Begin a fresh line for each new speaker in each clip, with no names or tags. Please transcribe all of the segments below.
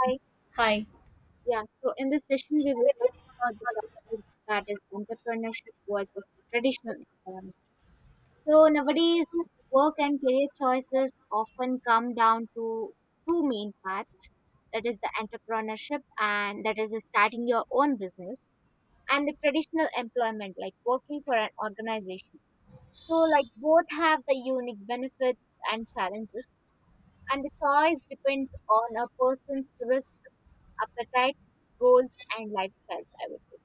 Hi.
Hi.
Yeah. So in this session, we will talk about the topic that is entrepreneurship versus traditional employment. So nowadays, work and career choices often come down to two main paths. That is the entrepreneurship, and that is starting your own business, and the traditional employment, like working for an organization. So like both have the unique benefits and challenges, and the choice depends on a person's risk appetite, goals, and lifestyles, I would say.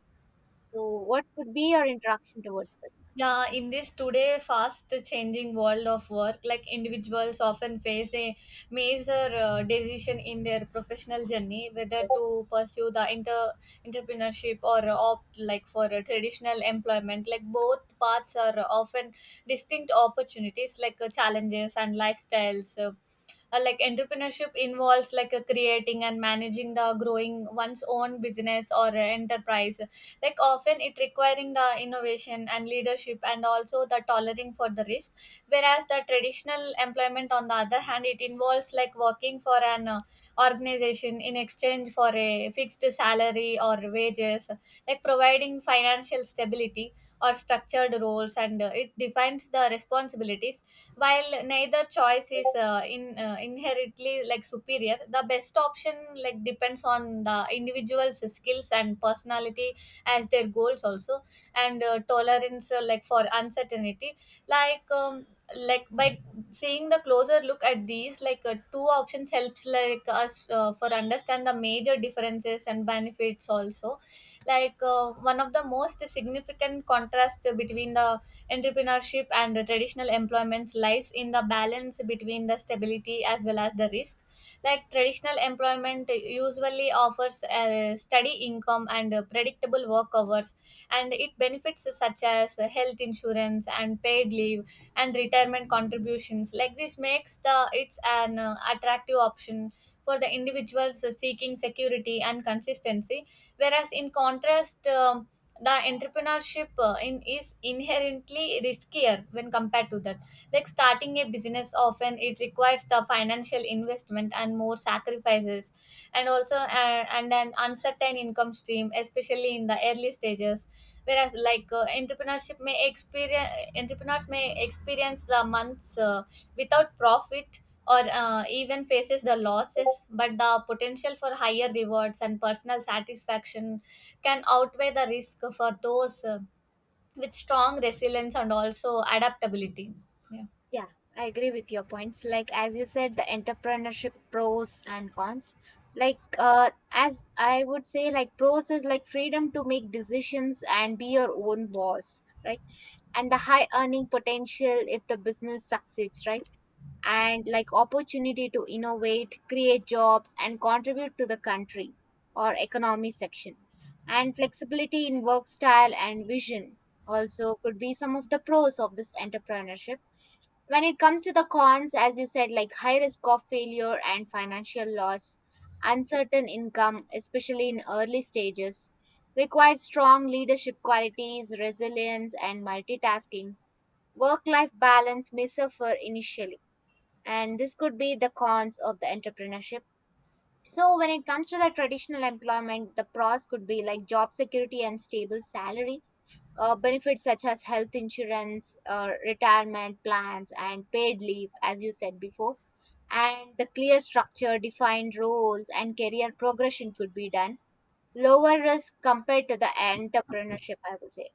So, what could be your interaction towards this?
Yeah, in this today fast changing world of work, like individuals often face a major decision in their professional journey, whether to pursue the entrepreneurship or opt like for a traditional employment. Like both paths are often distinct opportunities, like challenges and lifestyles. Like entrepreneurship involves like creating and managing the growing one's own business or enterprise, like often it requiring the innovation and leadership and also the tolerance for the risk. Whereas the traditional employment, on the other hand, it involves like working for an organization in exchange for a fixed salary or wages, like providing financial stability or structured roles, and it defines the responsibilities. While neither choice is in inherently like superior, the best option like depends on the individual's skills and personality, as their goals also, and tolerance like for uncertainty. Like um, by seeing the closer look at these, like two options helps like us for understand the major differences and benefits also. Like one of the most significant contrast between the entrepreneurship and the traditional employments lies in the balance between the stability as well as the risk. Like traditional employment usually offers a steady income and predictable work hours, and it benefits such as health insurance and paid leave and retirement contributions. Like this makes the it's an attractive option for the individuals seeking security and consistency. Whereas in contrast, the entrepreneurship in is inherently riskier when compared to that. Like starting a business often it requires the financial investment and more sacrifices, and also and an uncertain income stream, especially in the early stages. Whereas like entrepreneurs may experience the months without profit or even faces the losses, but the potential for higher rewards and personal satisfaction can outweigh the risk for those with strong resilience and also adaptability. Yeah.
Yeah, I agree with your points. Like as you said, the entrepreneurship pros and cons. Like as I would say, like pros is like freedom to make decisions and be your own boss, right? And the high earning potential if the business succeeds, right? And like opportunity to innovate, create jobs, and contribute to the country or economy section. And flexibility in work style and vision also could be some of the pros of this entrepreneurship. When it comes to the cons, as you said, like high risk of failure and financial loss, uncertain income, especially in early stages, requires strong leadership qualities, resilience, and multitasking. Work life balance may suffer initially, and this could be the cons of the entrepreneurship. So when it comes to the traditional employment, the pros could be like job security and stable salary, benefits such as health insurance, retirement plans and paid leave as you said before, and the clear structure, defined roles and career progression could be done, lower risk compared to the entrepreneurship, I would say.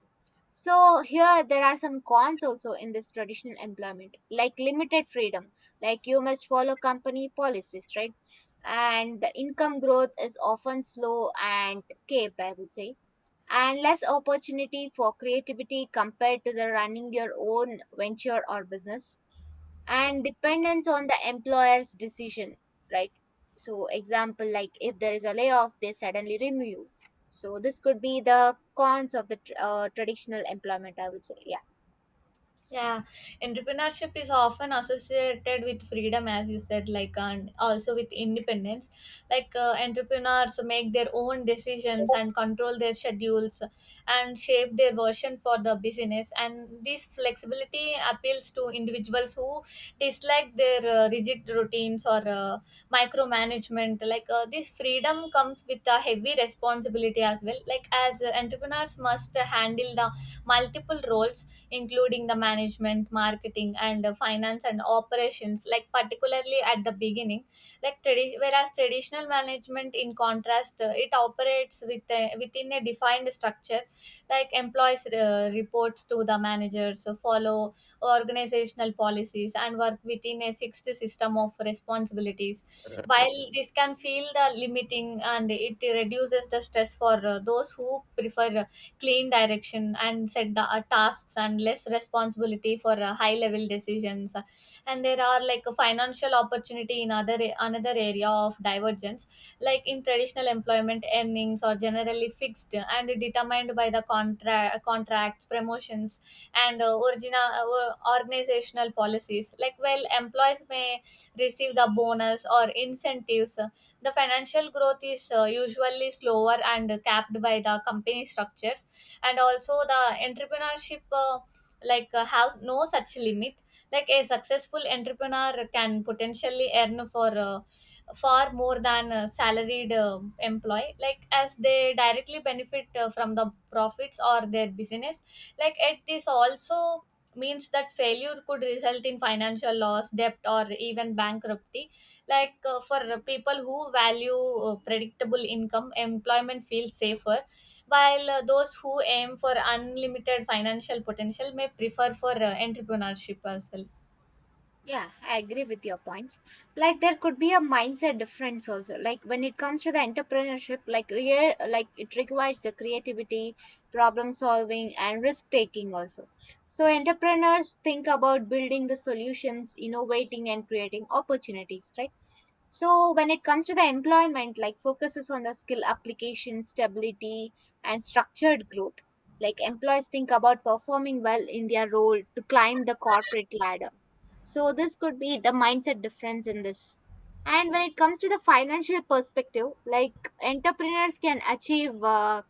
So here there are some cons also in this traditional employment, like limited freedom, like you must follow company policies, right? And the income growth is often slow and capped, I would say, and less opportunity for creativity compared to the running your own venture or business, and dependence on the employer's decision, right? So example, like if there is a layoff, they suddenly remove you. So this could be the cons of the traditional employment, I would say. Yeah.
Yeah, entrepreneurship is often associated with freedom, as you said, like, and also with independence. Like entrepreneurs make their own decisions and control their schedules and shape their version for the business. And this flexibility appeals to individuals who dislike their rigid routines or micromanagement. Like this freedom comes with a heavy responsibility as well. Like as entrepreneurs must handle the multiple roles, including the management, marketing, and finance and operations, like particularly at the beginning. Whereas traditional management, in contrast, it operates with within a defined structure. Like employees reports to the managers, so follow organizational policies, and work within a fixed system of responsibilities. While this can feel the limiting, and it reduces the stress for those who prefer clean direction and set the tasks and less responsibility for high level decisions. And there are like a financial opportunity in other another area of divergence. Like in traditional employment, earnings are generally fixed and determined by the contracts, promotions, and original organizational policies. Like well, employees may receive the bonus or incentives, the financial growth is usually slower and capped by the company structures. And also the entrepreneurship, has no such limit. Like a successful entrepreneur can potentially earn for far more than a salaried employee, like as they directly benefit from the profits or their business. Like at this also means that failure could result in financial loss, debt, or even bankruptcy. Like for people who value predictable income, employment feels safer, while those who aim for unlimited financial potential may prefer for entrepreneurship as well.
Yeah, I agree with your points. Like there could be a mindset difference also, like when it comes to the entrepreneurship, like like it requires the creativity, problem solving and risk taking also. So entrepreneurs think about building the solutions, innovating and creating opportunities, right? So when it comes to the employment, like focuses on the skill application, stability, and structured growth. Like employees think about performing well in their role to climb the corporate ladder. So this could be the mindset difference in this. And when it comes to the financial perspective, like entrepreneurs can achieve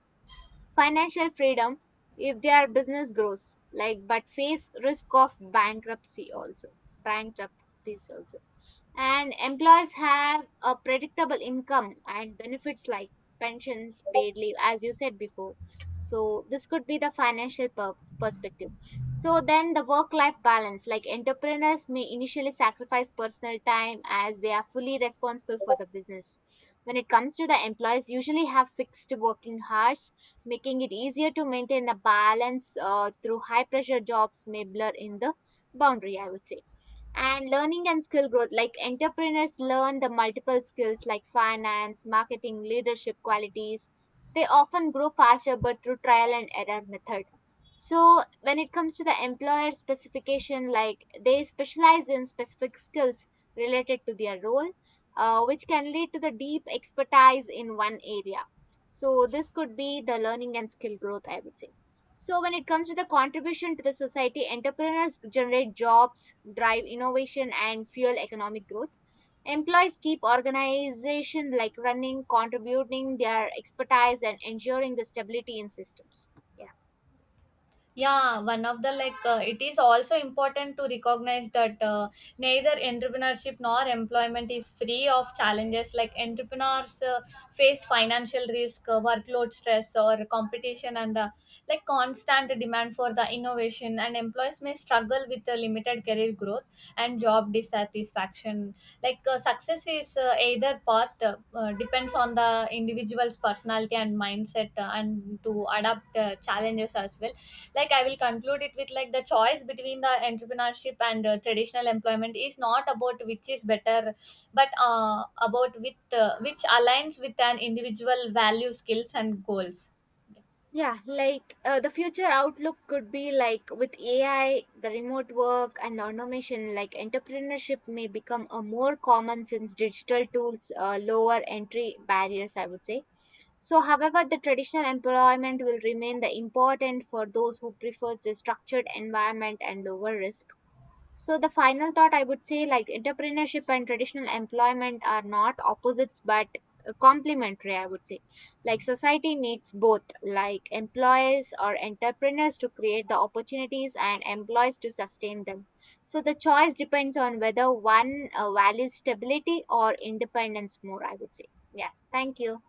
financial freedom if their business grows, like but face risk of bankruptcy also, bankruptcies also, and employees have a predictable income and benefits like pensions, paid leave, as you said before. So, this could be the financial perspective. So, then the work life balance, like entrepreneurs may initially sacrifice personal time as they are fully responsible for the business. When it comes to the employees, usually have fixed working hours, making it easier to maintain a balance, through high pressure jobs may blur in the boundary, I would say. And learning and skill growth, like entrepreneurs learn the multiple skills like finance, marketing, leadership qualities, they often grow faster but through trial and error method. So when it comes to the employer specification, like they specialize in specific skills related to their role, which can lead to the deep expertise in one area. So this could be the learning and skill growth, I would say. So when it comes to the contribution to the society, entrepreneurs generate jobs, drive innovation and fuel economic growth. Employees keep organization like running, contributing their expertise and ensuring the stability in systems. Yeah.
Yeah, one of the, like it is also important to recognize that neither entrepreneurship nor employment is free of challenges. Like entrepreneurs face financial risk, workload stress, or competition, and the like constant demand for the innovation. And employees may struggle with the limited career growth and job dissatisfaction. Like success is either path, depends on the individual's personality and mindset, and to adapt challenges as well. Like I will conclude it with, like, the choice between the entrepreneurship and traditional employment is not about which is better, but about with which aligns with an individual value, skills, and goals.
Yeah, like the future outlook could be like with AI, the remote work and automation, like entrepreneurship may become a more common since digital tools lower entry barriers, I would say. So, however, the traditional employment will remain the important for those who prefers the structured environment and lower risk. So, the final thought I would say, like entrepreneurship and traditional employment are not opposites but complementary, I would say, like society needs both, like employers or entrepreneurs to create the opportunities and employees to sustain them. So, the choice depends on whether one values stability or independence more, I would say. Yeah. Thank you.